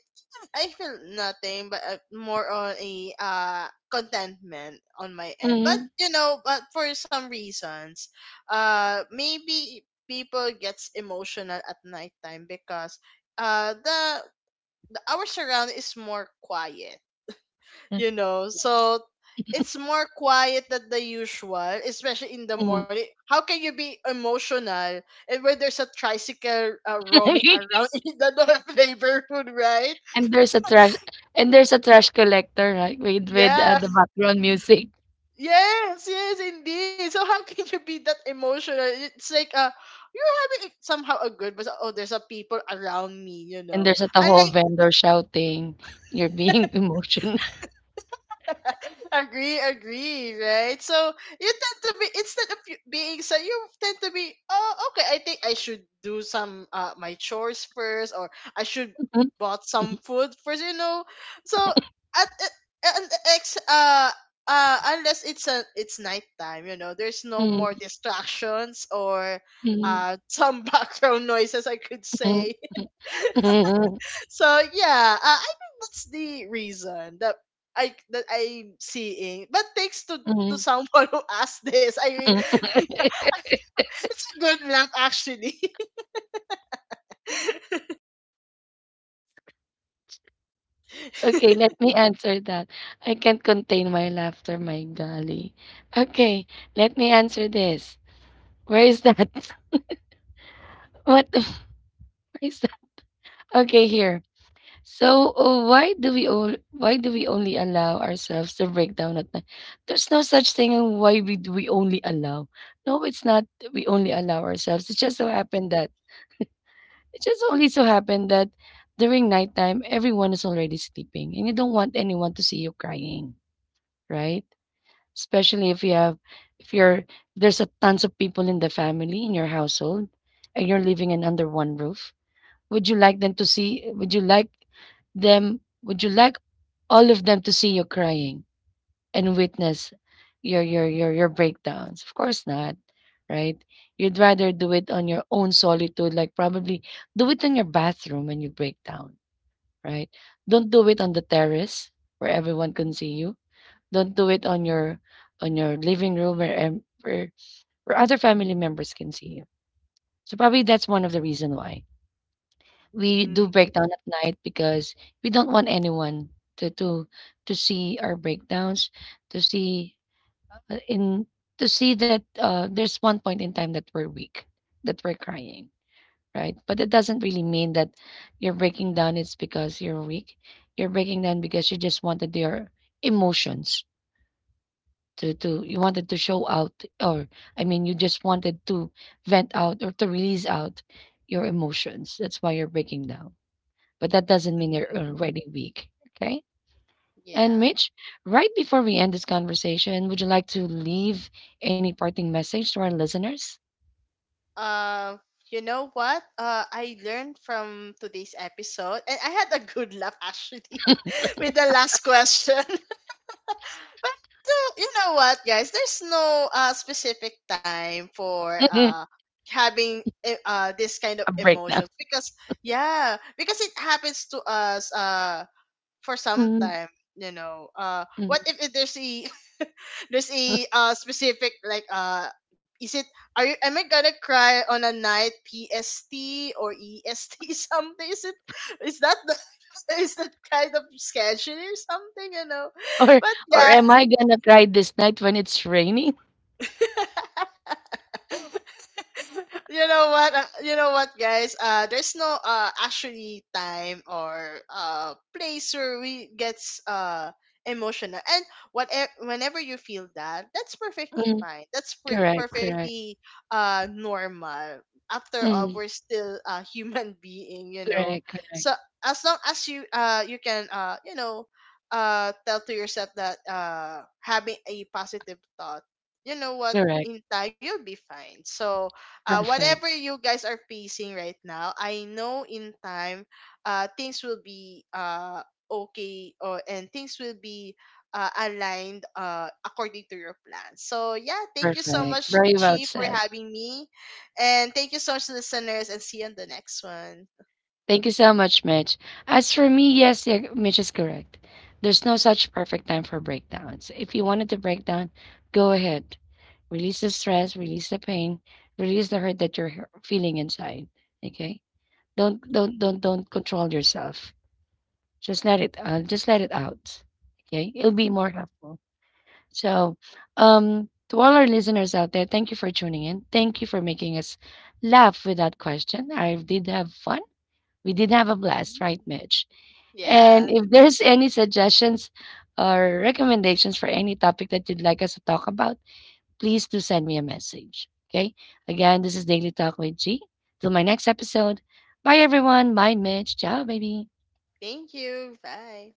I feel nothing, but, uh, more on a uh contentment on my end. But
Mhm.
you know, but for some reasons, uh, maybe people gets emotional at nighttime because uh the, the our surround is more quiet,
Mm,
you know,
yes.
so it's more quiet than the usual. Especially in the
Mhm.
morning, how can you be emotional and when there's a tricycle, uh, roaming around in the north neighborhood, right?
And there's a trash, and there's a trash collector, right? With with, uh,
Yeah,
the background music.
yes, yes, indeed. So how can you be that emotional? It's like, uh you're having somehow a good, but oh, there's a people around me, you
And
know.
there's a Tahoe
Unlike,
vendor shouting, "You're being emotional."
agree, agree, right? So you tend to be, instead of you being so, you tend to be, oh okay, I think I should do some uh my chores first, or I should bought some food first, you know. So, at, at and ex uh uh unless it's, a it's nighttime, you know, there's no
Mm,
more distractions or
mm,
uh some background noises I could
mm,
say.
mm, mm,
So yeah, uh, I think that's the reason that I that I'm seeing. But thanks to to
mm,
someone who asked this, I,
mm.
it's a good laugh actually.
Okay, let me answer that. I can't contain my laughter, my golly. Okay, let me answer this. Where is that? What the where is that? Okay, here. So, uh, why do we all why do we only allow ourselves to break down at night? There's no such thing and why we do we only allow. No, it's not that we only allow ourselves. It just so happened that, it just only so happened that during nighttime, everyone is already sleeping, and you don't want anyone to see you crying, right? Especially if you have, if you're, there's a tons of people in the family in your household, and you're living in under one roof. Would you like them to see? Would you like them? Would you like all of them to see you crying and witness your your your your breakdowns. Of course not, right? You'd rather do it on your own solitude, like probably do it in your bathroom when you break down, right? Don't do it on the terrace where everyone can see you. Don't do it on your, on your living room where em- where, where other family members can see you. So probably that's one of the reason why we do
Mm,
breakdown at night, because we don't want anyone to to to see our breakdowns, to see uh, in to see that uh, there's one point in time that we're weak, that we're crying, right? But it doesn't really mean that you're breaking down. It's because you're weak. You're breaking down because you just wanted your emotions to to you wanted to show out, or I mean, you just wanted to vent out or to release out your emotions. That's why you're breaking down. But that doesn't mean you're
mm,
already weak. Okay. And
yeah.
Mitch, right before we end this conversation, would you like to leave any parting message to our listeners?
Uh, you know what? Uh, I learned from today's episode, and I had a good laugh actually with the last question. But uh, you know what, guys? There's no uh, specific time for
A
uh having e- uh this kind of
breakdown.
emotions, because yeah, because it happens to us uh for some
Mm,
time. You know, uh, what
mm.
if it- there's a, there's a uh specific like, uh is it, are you, am I gonna cry on a night, P S T or E S T? Something? Is it, is that the, is that kind of schedule or something? You know,
Or
but
or am I gonna cry this night when it's raining?
yeah. You know what, uh, you know what guys, uh there's no uh actually time or uh place where we gets uh emotional. And whatever, whenever you feel that, that's perfectly
Mm,
fine, that's per-
correct, correct.
perfectly uh normal, after all
Mm,
we're still a human being, you know.
correct, correct,
So as long as you, uh you can, uh you know, uh tell to yourself that, uh having a positive thought, you know what,
correct.
in time you'll be fine. So, uh, whatever
Perfect,
you guys are facing right now, I know in time, uh, things will be uh okay, or and things will be, uh, aligned uh according to your plan. So yeah, thank you so
perfect.
much,
Very
Chi,
well
for
said.
having me, and thank you so much, listeners, and see you on the next one.
Thank you so much, Mitch. As for me, yes, yeah, Mitch is correct. There's no such perfect time for breakdowns. If you wanted to break down, go ahead. Release the stress, release the pain, release the hurt that you're he- feeling inside. Okay? Don't don't
Mhm.
don't don't control yourself. Just let it uh, just let it out. Okay? It'll be more helpful. So, um to all our listeners out there, thank you for tuning in. Thank you for making us laugh with that question. I did have fun, we did have a blast, right, Mitch? And
Yeah,
if there's any suggestions or recommendations for any topic that you'd like us to talk about, please do send me a message. Okay. Again, this is Daily Talk with G. Till my next episode. Bye, everyone. Bye, Mitch. Ciao, baby.
thank you. Bye.